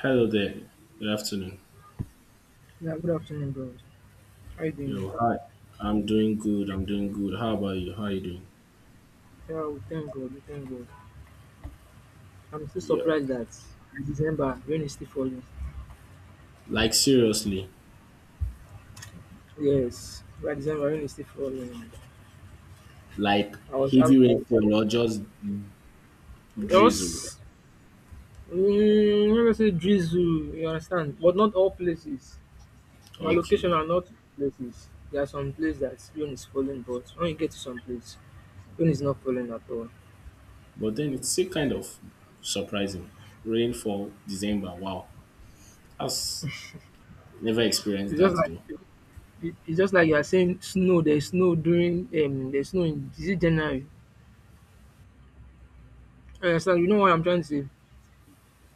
Hello there. Good afternoon. Yeah, good afternoon, bro. How you doing? Yo, hi. I'm doing good. How about you? How you doing? Yeah, we thank God, we thank God. I'm still Yep. surprised that by December rain is still falling. Like seriously, Yes, by December rain is still falling. like I heavy rainfall or just drizzle. just let me say drizzle, you understand? But not all places. My location Okay. are not places. There are some places that rain is falling, but when you get to some place, rain is not falling at all. But then it's still kind of surprising. Rainfall December. Wow. I've never experienced It's just that like though. It's just like you are saying snow. There's snow in, is it January? You understand? You know what I'm trying to say?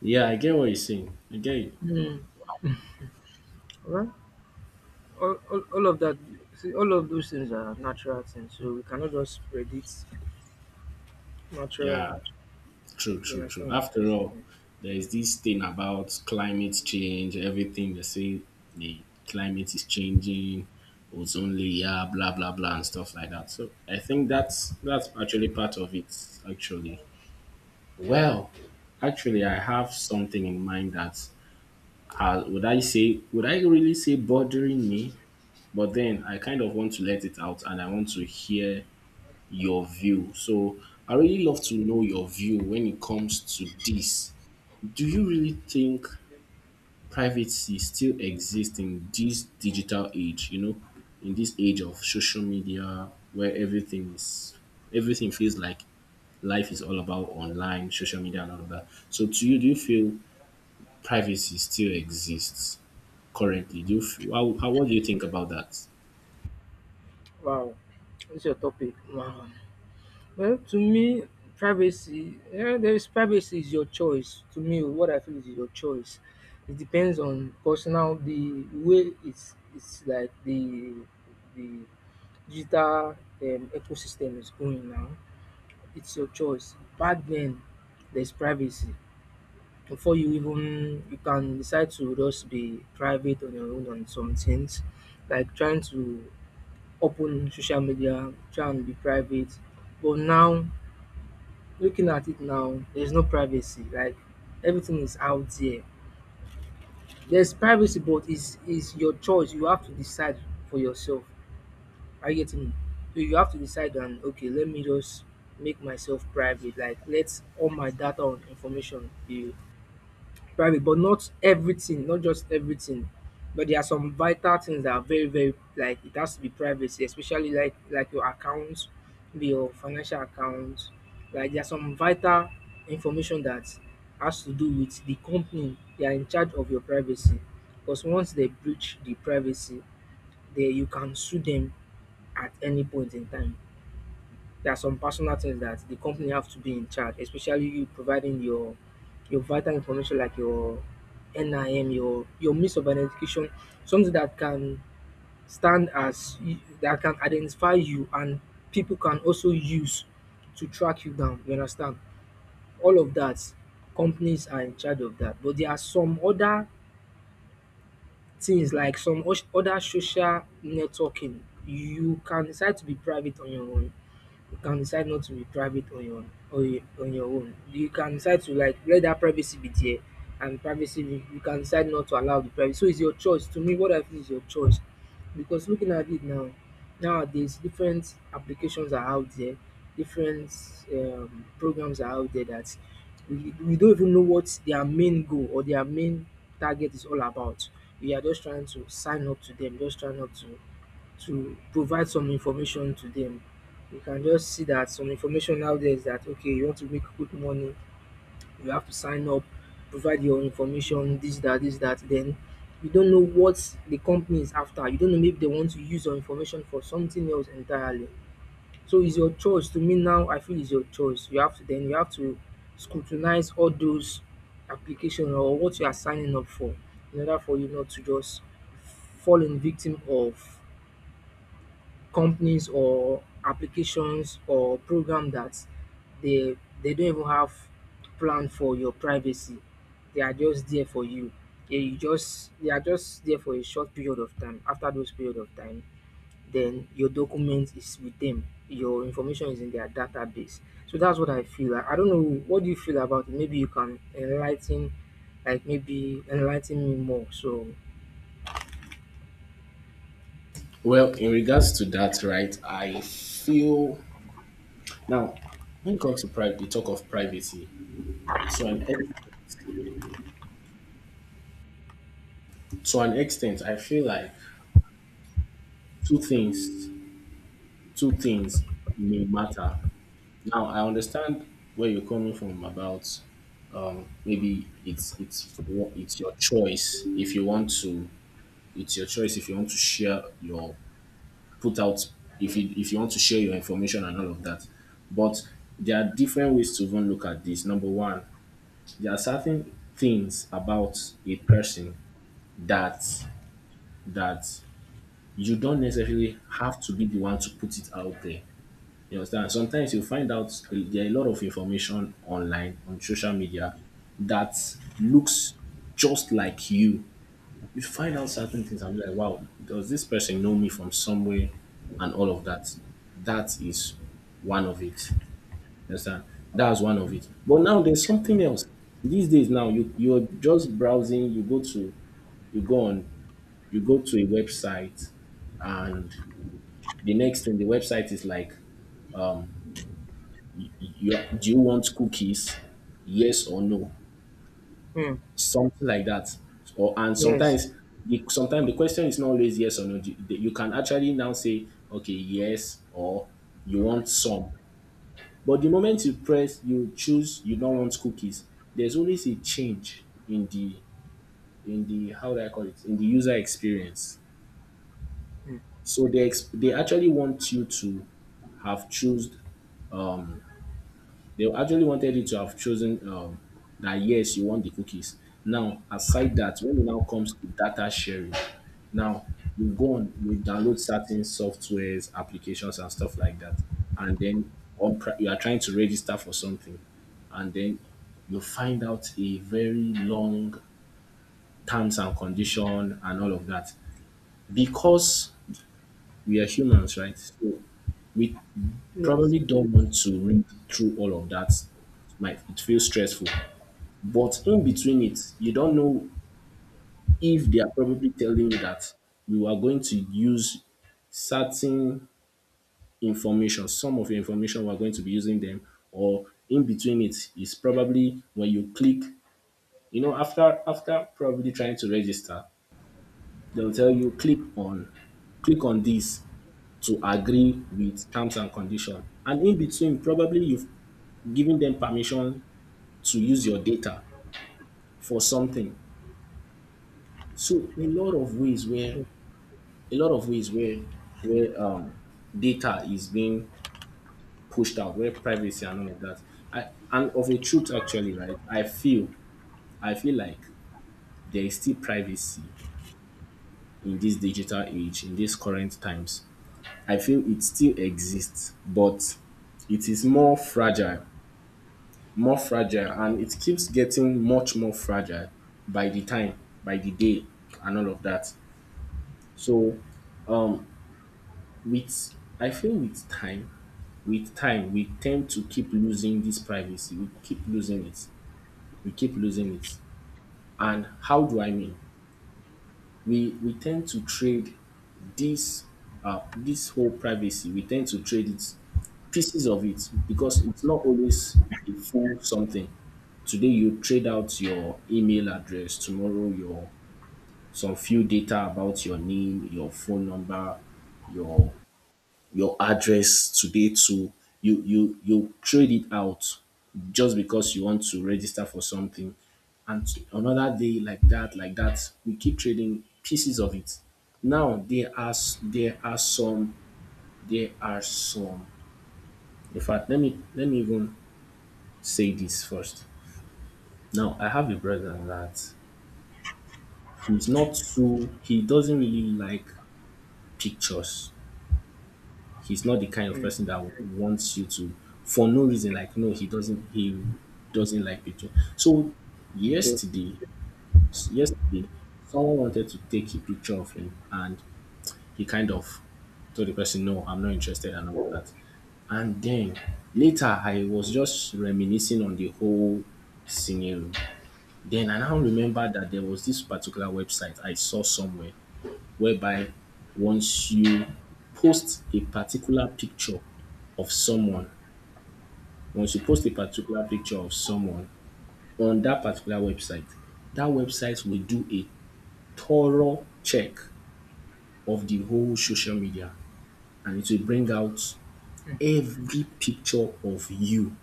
Yeah, I get what you're saying. I get it. Hmm. Well, all of that, see, all of those things are natural things, so we cannot just predict natural. Yeah. True, You true, true. understand? After all, Mm. there is this thing about climate change, everything they say the climate is changing, ozone layer, blah blah blah and stuff like that. So I think that's actually part of it actually. Well, actually I have something in mind that would I say would I really say bothering me? But then I kind of want to let it out and I want to hear your view. So I really love to know your view when it comes to this. Do you really think privacy still exists in this digital age? In this age of social media, where everything is everything feels like life is all about online, social media, and all of that. So, to you, do you feel privacy still exists currently? Do you f- how what do you think about that? Wow, what's your topic? Wow. Well, to me, privacy. Yeah, there is privacy is your choice. To me, what I feel is your choice. It depends on personal the way it's like the digital ecosystem is going now. It's your choice. Back then, there's privacy, before you even you can decide to just be private on your own on some things, like trying to open social media, try and be private. But now, looking at it now, there's no privacy. Like everything is out there. There's privacy, but it's is your choice. You have to decide for yourself. Are you getting me? So you have to decide and okay, let me just make myself private. Like let all my data and information be private, but not everything, not just everything. But there are some vital things that are very, very, like it has to be privacy, especially like your accounts, maybe your financial accounts. Like there are some vital information that has to do with the company. They are in charge of your privacy. Because once they breach the privacy, they you can sue them at any point in time. There are some personal things that the company have to be in charge, especially you providing your vital information like your NIM, your means of identification, something that can stand that can identify you, and people can also use to track you down. You understand? All of that, companies are in charge of that. But there are some other things like other social networking. You can decide to be private on your own, you can decide not to retrieve it on your own, on your own. You can decide to like let that privacy be there, and you can decide not to allow the privacy. So it's your choice. To me, what I feel is your choice. Because looking at it now, nowadays different applications are out there, different programs are out there that we don't even know what their main goal or their main target is all about. We are just trying to sign up to them, just trying up to provide some information to them. You can just see that some information out there is that okay, you want to make quick money, you have to sign up, provide your information, this, that, this, that. Then you don't know what the company is after. You don't know, maybe they want to use your information for something else entirely. So it's your choice. To me now, I feel it's your choice. You have to then you have to scrutinize all those applications or what you are signing up for, in order for you not to just fall in victim of companies or applications or program that they they don't even have plan for your privacy. They are just there for you. Yeah, you just they are just there for a short period of time. After those period of time, then your document is with them. Your information is in their database. So that's what I feel. I don't know, what do you feel about it? Maybe you can enlighten, like maybe enlighten me more. So, Well, in regards to that, right, I feel now when it comes to private, the talk of privacy, to an ex- to an extent, I feel like two things two things may matter. Now, I understand where you're coming from about maybe it's your choice if you want to. It's your choice if you want to share your put out if you want to share your information and all of that. But there are different ways to even look at this. Number one, there are certain things about a person that that you don't necessarily have to be the one to put it out there. You understand? Sometimes you find out there are a lot of information online on social media that looks just like you. You find out certain things and be like, wow, does this person know me from somewhere and all of that? That is one of it. You understand? That's one of it. But now there's something else. These days now you're just browsing, you go to you go on, you go to a website and the next thing the website is like you do you want cookies, yes or no, hmm, something like that. Or and yes. Sometimes the question is not always yes or no. You can actually now say okay, yes, or you want some. But the moment you press, you choose you don't want cookies, there's always a change in the how do I call it, in the user experience. Hmm, So they actually want you to have chosen. They actually wanted you to have chosen, that yes, you want the cookies. Now, aside that, when it now comes to data sharing, now you go on, you download certain softwares, applications, and stuff like that, and then you are trying to register for something, and then you find out a very long terms and condition and all of that. Because we are humans, right? So we yes. probably don't want to read through all of that. Might it feels stressful. But in between it, you don't know if they are probably telling you that we are going to use certain information, some of your information we're going to be using them, or in between it is probably when you click, you know, after probably trying to register, they'll tell you click on this to agree with terms and condition. And in between, probably you've given them permission to use your data for something. So a lot of ways where Hmm. a lot of ways where data is being pushed out, where privacy and all of that. I And of a truth actually, right? I feel like there is still privacy in this digital age, in these current times. I feel it still exists, but it is more fragile, and it keeps getting much more fragile by the time, by the day, and all of that. So um with I feel with time, we tend to keep losing this privacy. We keep losing it. And how do I mean? We tend to trade this this whole privacy. We tend to trade it pieces of it because it's not always a full something. Today you trade out your email address, tomorrow your some few data about your name, your phone number, your your address today to you trade it out just because you want to register for something. And another day, like that, like that, we keep trading pieces of it. Now there are s- There are some there are some in fact, let me even say this first. Now I have a brother that he's not, so he doesn't really like pictures. He's not the kind of Hmm. person that wants you to for no reason. Like no, he doesn't. He doesn't like picture. So Okay. yesterday, yesterday, someone wanted to take a picture of him, and he kind of told the person, "No, I'm not interested," and all that. And then later, I was just reminiscing on the whole scenario. Then I now remember that there was this particular website I saw somewhere whereby once you post a particular picture of someone, once you post a particular picture of someone on that particular website, that website will do a thorough check of the whole social media, and it will bring out every picture of you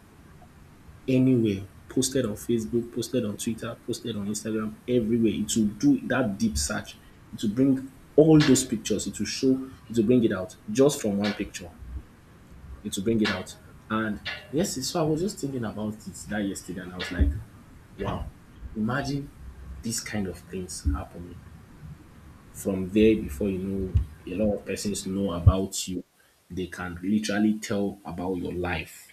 anywhere posted on Facebook, posted on Twitter, posted on Instagram, everywhere. It will do that deep search. It will bring all those pictures. It will show, it will bring it out just from one picture. It will bring it out. And yes, so I was just thinking about it that yesterday, and I was like, wow, imagine these kind of things happening from there. Before you know, a lot of persons know about you. They can literally tell about your life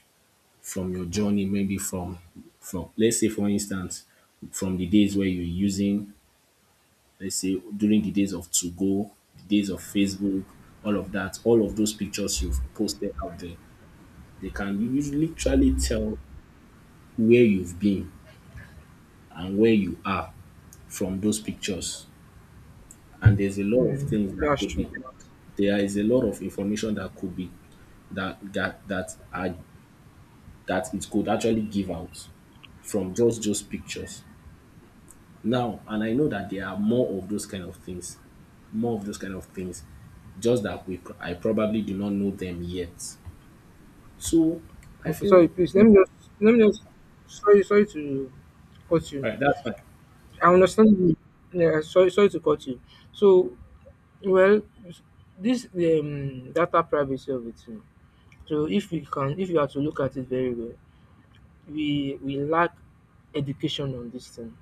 from your journey, maybe from let's say for instance, from the days where you're using, let's say during the days of to go, the days of Facebook, all of that, all of those pictures you've posted out there, they can usually literally tell where you've been and where you are from those pictures. And there's a lot of Mm, things that that's could true. be there is a lot of information that could be that are that it could actually give out from just those pictures. Now, and I know that there are more of those kind of things, more of those kind of things, just that I probably do not know them yet. So I Okay, sorry, feel please let All me just sorry to cut you. right, that's fine. I understand you. Yeah, sorry to cut you. So, well, this data privacy of it. So if we can if you are to look at it very well, we lack education on this thing.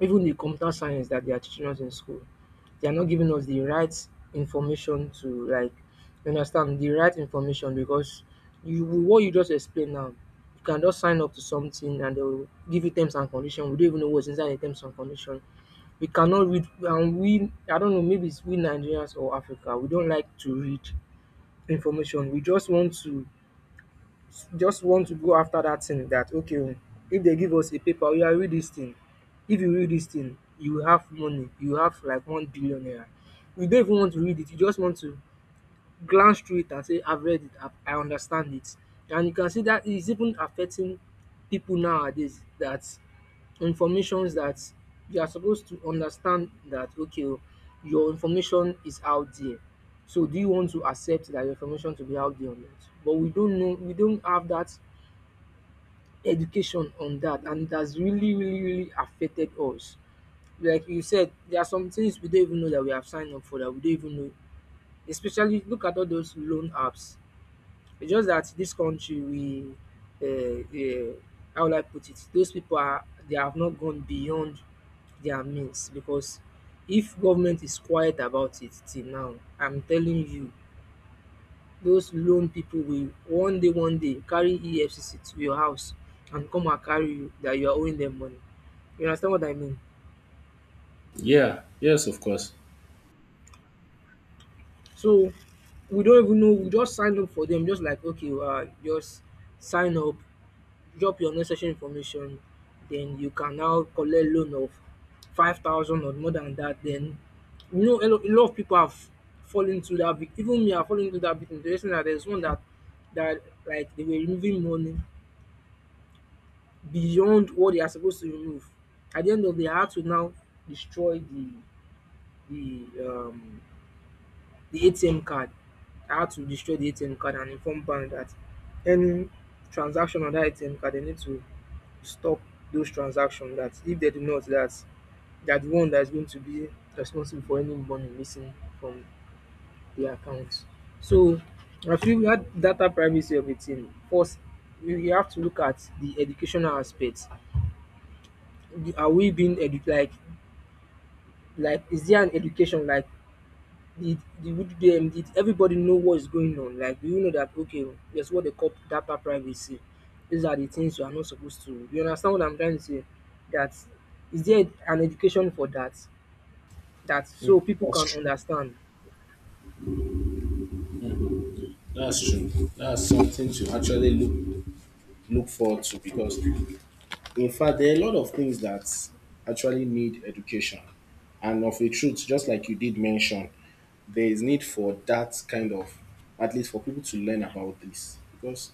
Even the computer science that they are teaching us in school, they are not giving us the right information to, like, you understand, the right information. Because you what you just explained now, you can just sign up to something and they will give you terms and condition. We don't even know what's inside the terms and condition. We cannot read, and we I don't know, maybe it's we Nigerians or Africa, we don't like to read information. We just want to go after that thing that okay, oh, if they give us a paper, we are read this thing. If you read this thing, you will have money, you will have like 1 billion naira. You don't even want to read it, you just want to glance through it and say, I've read it, I understand it. And you can see that it's even affecting people nowadays, that informations that you are supposed to understand, that okay, oh, your information is out there. So do you want to accept that your information to be out there or not? But we don't know, we don't have that education on that, and it has really really really affected us, like you said. There are some things we don't even know that we have signed up for, that we don't even know, especially look at all those loan apps. It's just that this country we uh, uh, how will I put it, those people are they have not gone beyond their means, because if government is quiet about it till now, I'm telling you, those loan people will one day, one day carry EFCC to your house and come and carry you, that you are owing them money. You understand what I mean? Yeah, yes, of course. So we don't even know, we just sign up for them, just like okay, just sign up, drop your necessary information, then you can now collect loan of 5,000 or more than that. Then, you know, a lot of people have fallen into that even me, I fallen into that victim. The reason that there's one that, like they were removing money beyond what they are supposed to remove. At the end of the day, I had to now destroy the, the um ATM card. I had to destroy the ATM card and inform bank that any transaction on that ATM card, they need to stop those transactions. That if they do not, that they are the one that is going to be responsible for any money missing from their accounts. So I feel that data privacy of a thing, first we you have to look at the educational aspect. Are we being edu like, is there an education, like did them, did everybody know what is going on, like do you know that okay, there's what they call data privacy, these are the things you are not supposed to, you understand what I'm trying to say, that is there an education for that, that so people can That's understand That's true. That's something to actually look forward to because, in fact, there are a lot of things that actually need education, and of a truth, just like you did mention, there is need for that kind of, at least for people to learn about this because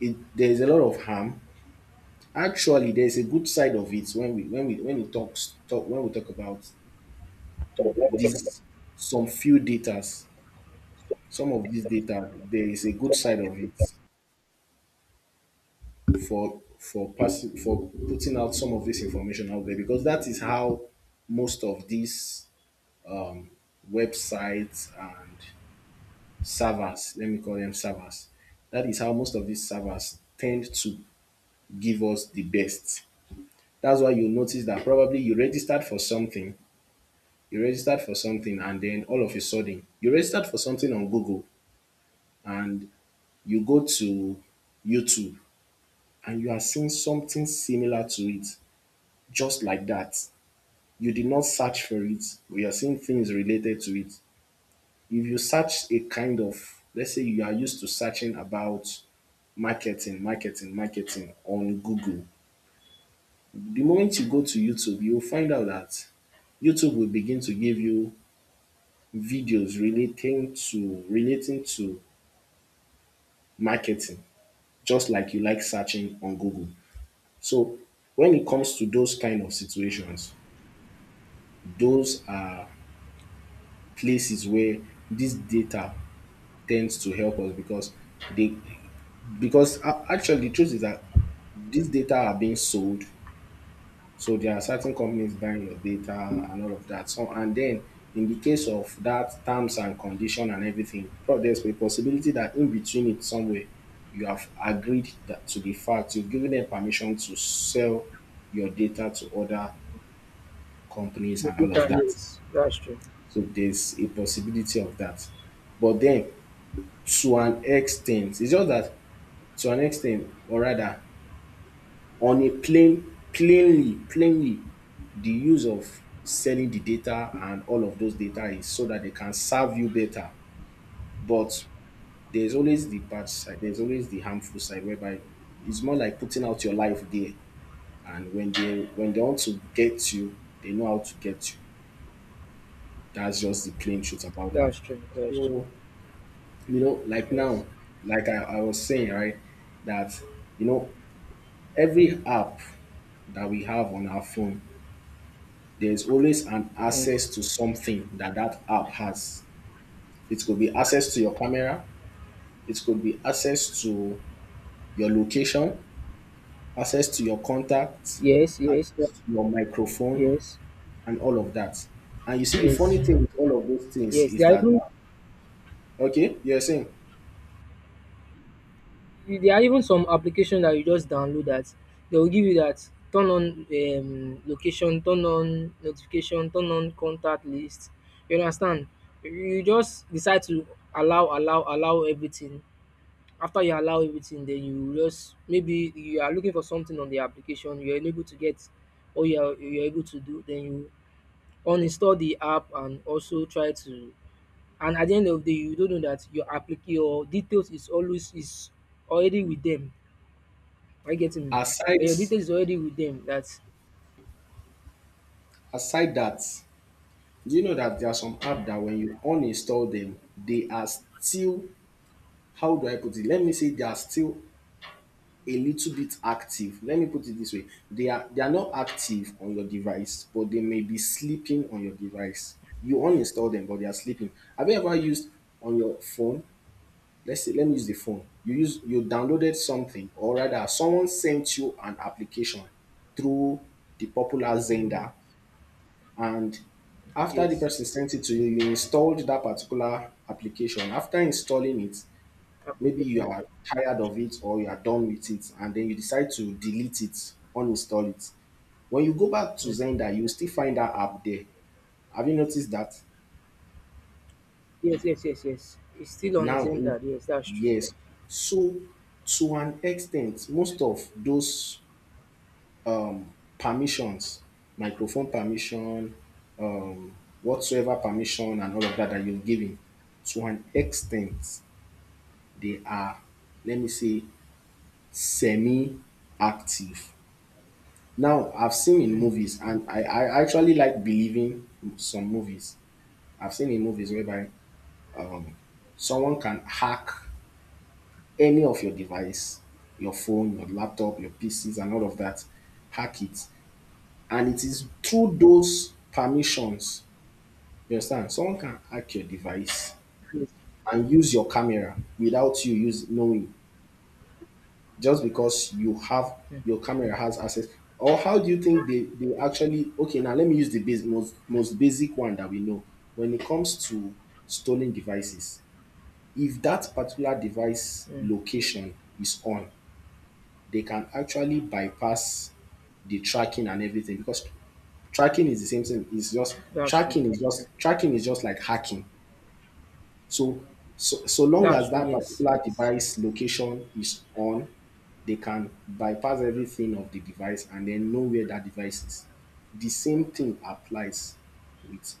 it, there is a lot of harm. Actually, there is a good side of it when we when we when we talks talk when we talk about this some few datas. Some of these data, there is a good side of it for passing for putting out some of this information out there because that is how most of these websites and servers, let me call them servers, that is how most of these servers tend to give us the best. That's why you notice that probably you registered for something, you registered for something, and then all of a sudden you registered for something on Google, and you go to YouTube and you are seeing something similar to it. Just like that, you did not search for it, but you're seeing things related to it. If you search a kind of, let's say you are used to searching about marketing on Google, the moment you go to YouTube, you'll find out that YouTube will begin to give you videos relating to marketing, just like you like searching on Google. So when it comes to those kind of situations, those are places where this data tends to help us because they actually the truth is that these data are being sold. So there are certain companies buying your data and all of that. So and then, in the case of that terms and condition and everything, there's a possibility that in between it somewhere you have agreed that, to the fact, you've given them permission to sell your data to other companies the and all data? of that. Yes, that's true. So there's a possibility of that. But then, to an extent, it's just that. To an extent or rather On a plainly, the use of selling the data and all of those data is so that they can serve you better. But there's always the bad side, there's always the harmful side, whereby it's more like putting out your life there, and when they want to get you, they know how to get you. That's just the plain truth about that. That's true. That's true. So, like now, like I was saying, right, that you know, every app that we have on our phone, there's always an Yes, access to something that that app has. It could be access to your camera, it could be access to your location, access to your contacts, yes, yes, yes, access to your microphone, yes, and all of that. And you see, the yes, funny thing with all of those things yes. is that, okay, you're saying, There are even some applications that you just download that they will give you that turn on location, turn on notification, turn on contact list. You understand? You just decide to allow, allow, allow everything. After you allow everything, then you just maybe you are looking for something on the application, you are unable to get, or you are able to do, then you uninstall the app and also try to, and at the end of the day you don't know that your applic your details is already with them. Are you getting me? Then aside, your details is already with them. That's. aside that, do you know that there are some Mm. app that when you uninstall them, they are still — how do I put it? Let me say they are still a little bit active. Let me put it this way. They are not active on your device, but they may be sleeping on your device. You uninstall them, but they are sleeping. Have you ever used on your phone? Let's say, let me use the phone. You downloaded something, or rather, someone sent you an application through the popular Mm. Xender, and after the Yes. person sent it to you, you installed that particular application. After installing it, maybe you Application. are tired of it or you are done with it, and then you decide to delete it, uninstall it. When you go back to Mm. Zender, you still find that app there. Have you noticed that? Yes, yes, yes, yes. It's still on Now, in- Zendar. Yes, that's true. yes. So, to an extent, most of those permissions — microphone permission, um, whatsoever permission, and all of that that you're giving — to an extent, they are, let me say, semi active. Now, I've seen in Mm. movies, and I actually like believing some movies. I've seen in movies whereby um, someone can hack any of your device — your phone, your laptop, your PCs, and all of that — hack it. And it is through those permissions, you understand? Someone can hack your device Yes. and use your camera without you use knowing. Just because you have — Mm. your camera has access. Or how do you think they actually okay, now let me use the base, most basic one that we know when it comes to stolen devices. If that particular device Mm. location is on, they can actually bypass the tracking and everything, because tracking is the same thing. It's just That's true. tracking is just like hacking. so, so long That's as true. that Yes. particular Yes. device location is on, they can bypass everything of the device and then know where that device is. The same thing applies with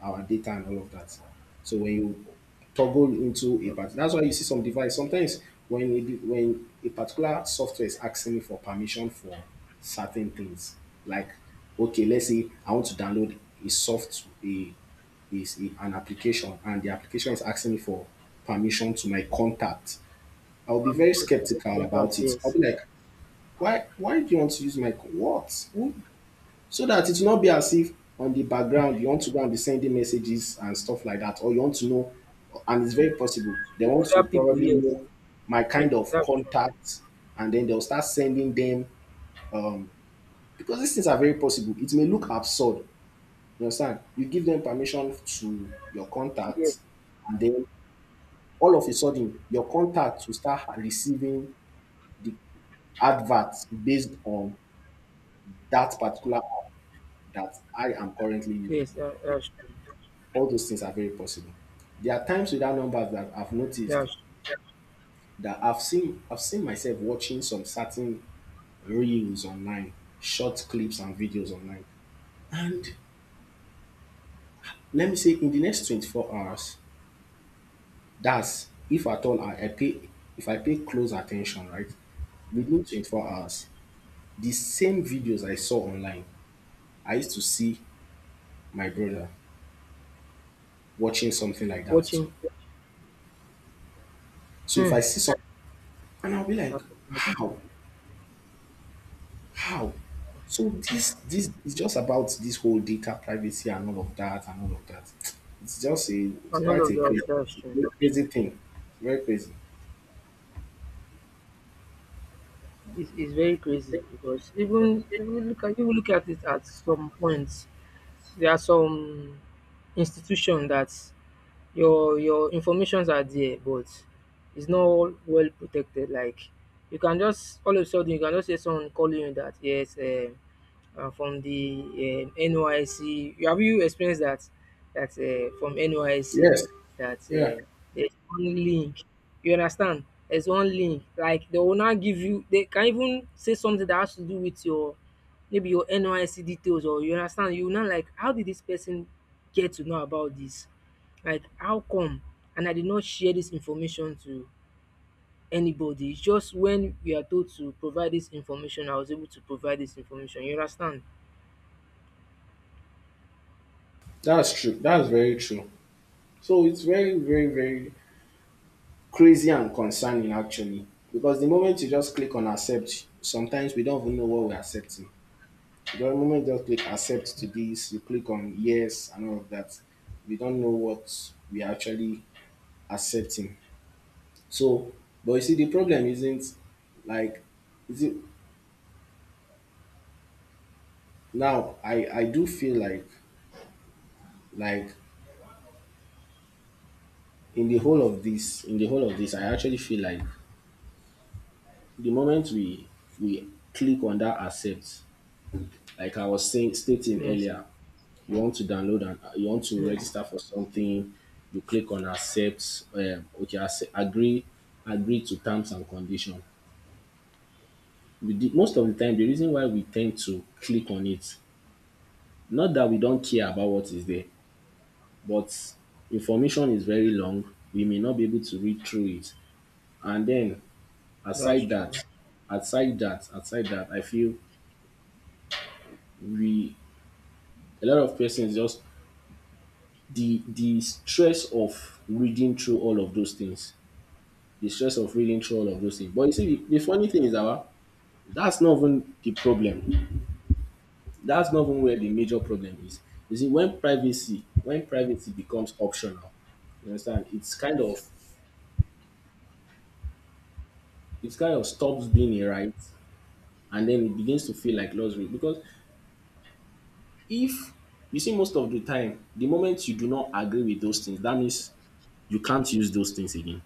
our data and all of that. So when you toggle into a part, that's why you see some device. Sometimes when a particular software is asking me for permission for certain things — like, okay, let's say I want to download a soft a is a- an application, and the application is asking me for permission to my contact, I'll be I'm. very skeptical Contact. about it. I'll Yes. be like, why do you want to use my what? Who? So that it will not be as if on the background you want to go and be sending messages and stuff like that, or you want to know. And it's very possible they To want other to people. probably Yes. know my Yes. kind of That's true. contact, and then they'll start sending them, because these things are very possible. It may look absurd, you understand? You give them permission to your Yes. contact, and then all of a sudden your contact will start receiving the adverts based on that particular app that I am currently using. Yes. That, that's true. All those things are very possible. There are times without numbers that I've noticed That's true. that I've seen myself watching some certain reels online, short clips and videos online. And let me say, in the next 24 hours — that's if at all I pay if I pay close attention, right? Within 24 hours, the same videos I saw online, I used to see my brother watching something like that too. Watching. So if I Hmm. see something, and I'll be like, how? How? So this is just about this whole data privacy and all of that and all of that. It's And all quite of a that. crazy, That's it's a true. very crazy thing. Very crazy. It's very crazy because even, even look at it at some points, there are some institution that your informations are there, but it's not well protected. Like you can just, all of a sudden, you can just hear someone calling you that yes, from the NYC. Have you experienced that? That from NYC, Yes. that Yeah. There's one link. You understand? There's one link. Like they will not give you. They can even say something that has to do with your, maybe your NYC details, or, you understand, you not like how did this person get to know about this? Like how come? And I did not share this information to anybody. It's just when we are told to provide this information, I was able to provide this information. You understand? That's true. That's very true. So it's very, very, very crazy and concerning, actually. Because the moment you just click on accept, sometimes we don't even know what we're accepting. The moment you just click accept to this, you click on yes and all of that. We don't know what we are actually accepting. So, but you see, the problem isn't like — you see, now I do feel like, like in the whole of this — I actually feel like, the moment we click on that accept, like I was saying stating Yes, earlier, you want to download and you want to yes, register for something, you click on accept, okay, accept, agree to terms and condition. We did Most of the time, the reason why we tend to click on it — not that we don't care about what is there, but information is very long. We may not be able to read through it. And then that's aside that, true. Aside that, I feel we — a lot of persons just — the stress of reading through all of those things. The stress of reading through all of those things. But you see, the funny thing is that, well, that's not even the problem. That's not even where the major problem is. You see, when privacy becomes optional, you understand, it kind of stops being a right, and then it begins to feel like luxury. Because if you see, most of the time, the moment you do not agree with those things, that means you can't use those things again.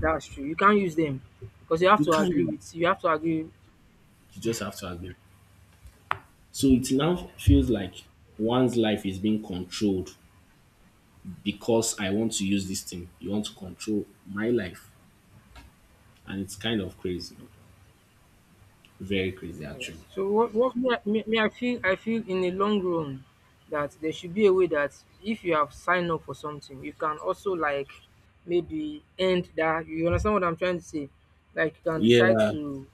That's true. You can't use them because you have You to can't agree use them. with, you have to agree. You just have to agree. So it now feels like one's life is being controlled, because I want to use this thing, you want to control my life. And it's kind of crazy, very crazy Yes. actually. So what me, I feel in the long run, that there should be a way that, if you have signed up for something, you can also like maybe end that. You understand what I'm trying to say? Like you can decide Yeah, to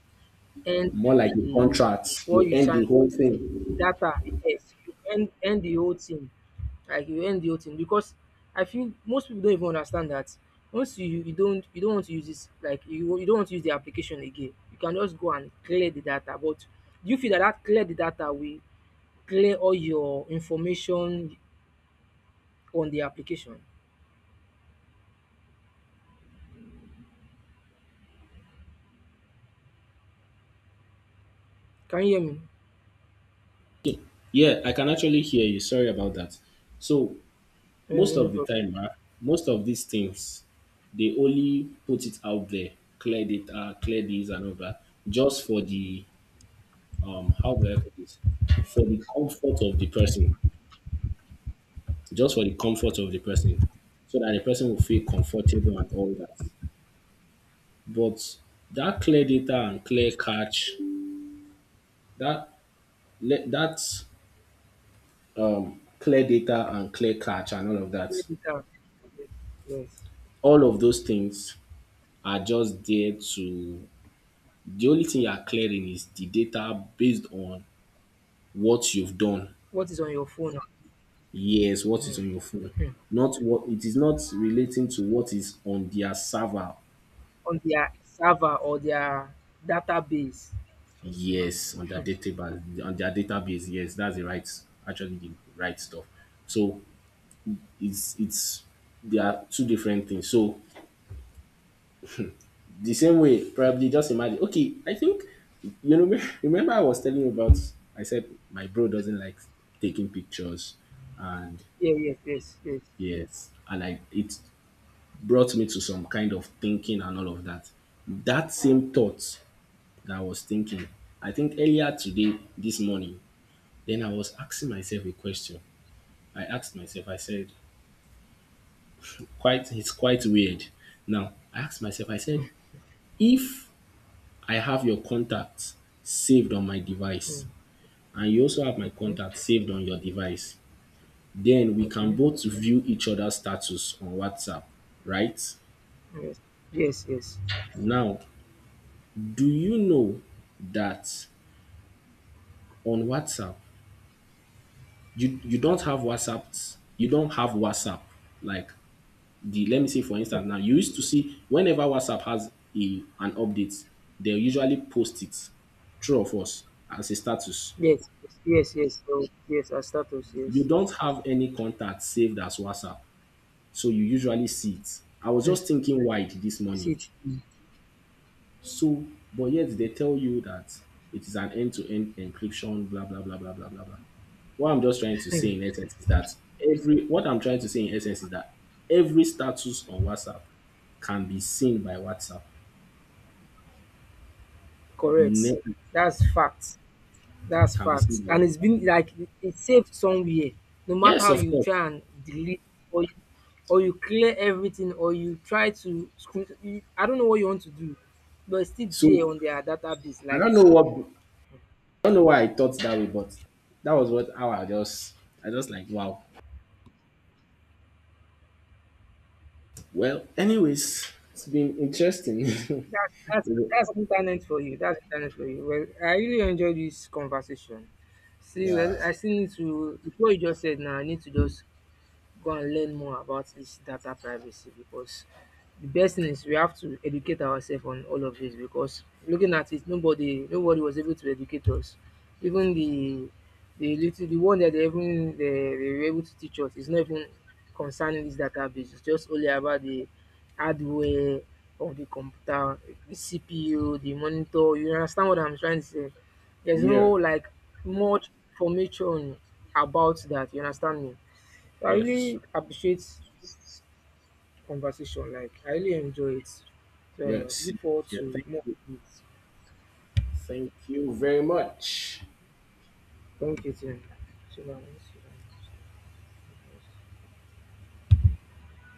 end more like a the, contract, what you you end sign, the whole thing. data, yes, you end the whole thing. Like you end the whole thing, because I feel most people don't even understand that once you don't, you don't want to use this, like you don't want to use the application again, you can just go and clear the data. But do you feel that clear the data will clear all your information on the application? Can you hear me? Yeah, I can actually hear you. Sorry about that. So No, no, most no, no of the problem. time, most of these things, they only put it out there — clear data, clear this and all that — just for the how do I put this? For the comfort of the person, just for the comfort of the person, so that the person will feel comfortable and all that. But that clear data and clear catch, that that clear data and clear catch and all of Clear that, the data. Yes, yes. all of those things are just there to — the only thing you are clearing is the data based on what you've done. What is on your phone. Yes, what is Hmm. on your phone. Not what — it is not relating to what is on their server. On their server or their database. Just Yes, on their imagine. database, on their database. Yes, that's the right — actually the right stuff. So it's they are two different things. So the same way, probably just imagine — okay, I think remember I was telling you about — I said my bro doesn't like taking pictures, and Yeah, yes, yes, yes. yes, and I it brought me to some kind of thinking and all of that. That same thought that I was thinking, I think earlier today, this morning, then I was asking myself a question. I asked myself, I said, quite — it's quite weird. Now, I asked myself, I said, if I have your contacts saved on my device, Mm, and you also have my okay, contact saved on your device, then we can okay. both view each other's status on WhatsApp, right? Yes, yes, yes. Now, do you know that on WhatsApp, you don't have WhatsApp. Like the let me say, for instance, Okay. now, you used to see whenever WhatsApp has a an update, they usually post it, true or false, as a status. Yes, yes, yes, yes. So, yes, as status, You yes. don't have any contact saved as WhatsApp, so you usually see it. I was Mm. just thinking wide this morning. CT. So, but yet they tell you that it is an end-to-end encryption, blah blah blah blah blah blah blah. What I'm just trying to say in essence is that every What I'm trying to say in essence is that every status on WhatsApp can be seen by WhatsApp. Correct. Ne- That's fact. That's can be seen fact. by And WhatsApp. it's been like it's saved somewhere. No matter Yes, how of you course. try and delete, or you, or you clear everything, or you try to screen, you, I don't know what you want to do, but it's still So there on their database. I Like, don't know why I thought that way, but that was what how I just like, wow. Well, anyways, it's been interesting. That's that's yeah. that's internet for you. That's internet for you. Well, I really enjoyed this conversation. See, well, I still need to, before you just said now, I need to just go and learn more about this data privacy, because the best thing is we have to educate ourselves on all of this, because looking at it, nobody was able to educate us, even the, little, the one that they even they were able to teach us is not even concerning this database, it's just only about the hardware of the computer, the CPU, the monitor, you understand what I'm trying to say? There's no Yeah. like much information about that, you understand me? I Yes. really appreciate conversation, like I really enjoy it. So Yes. look forward Yeah. to Thank more you. of it. Thank you very much. Thank you, Tim. So, now, let's see.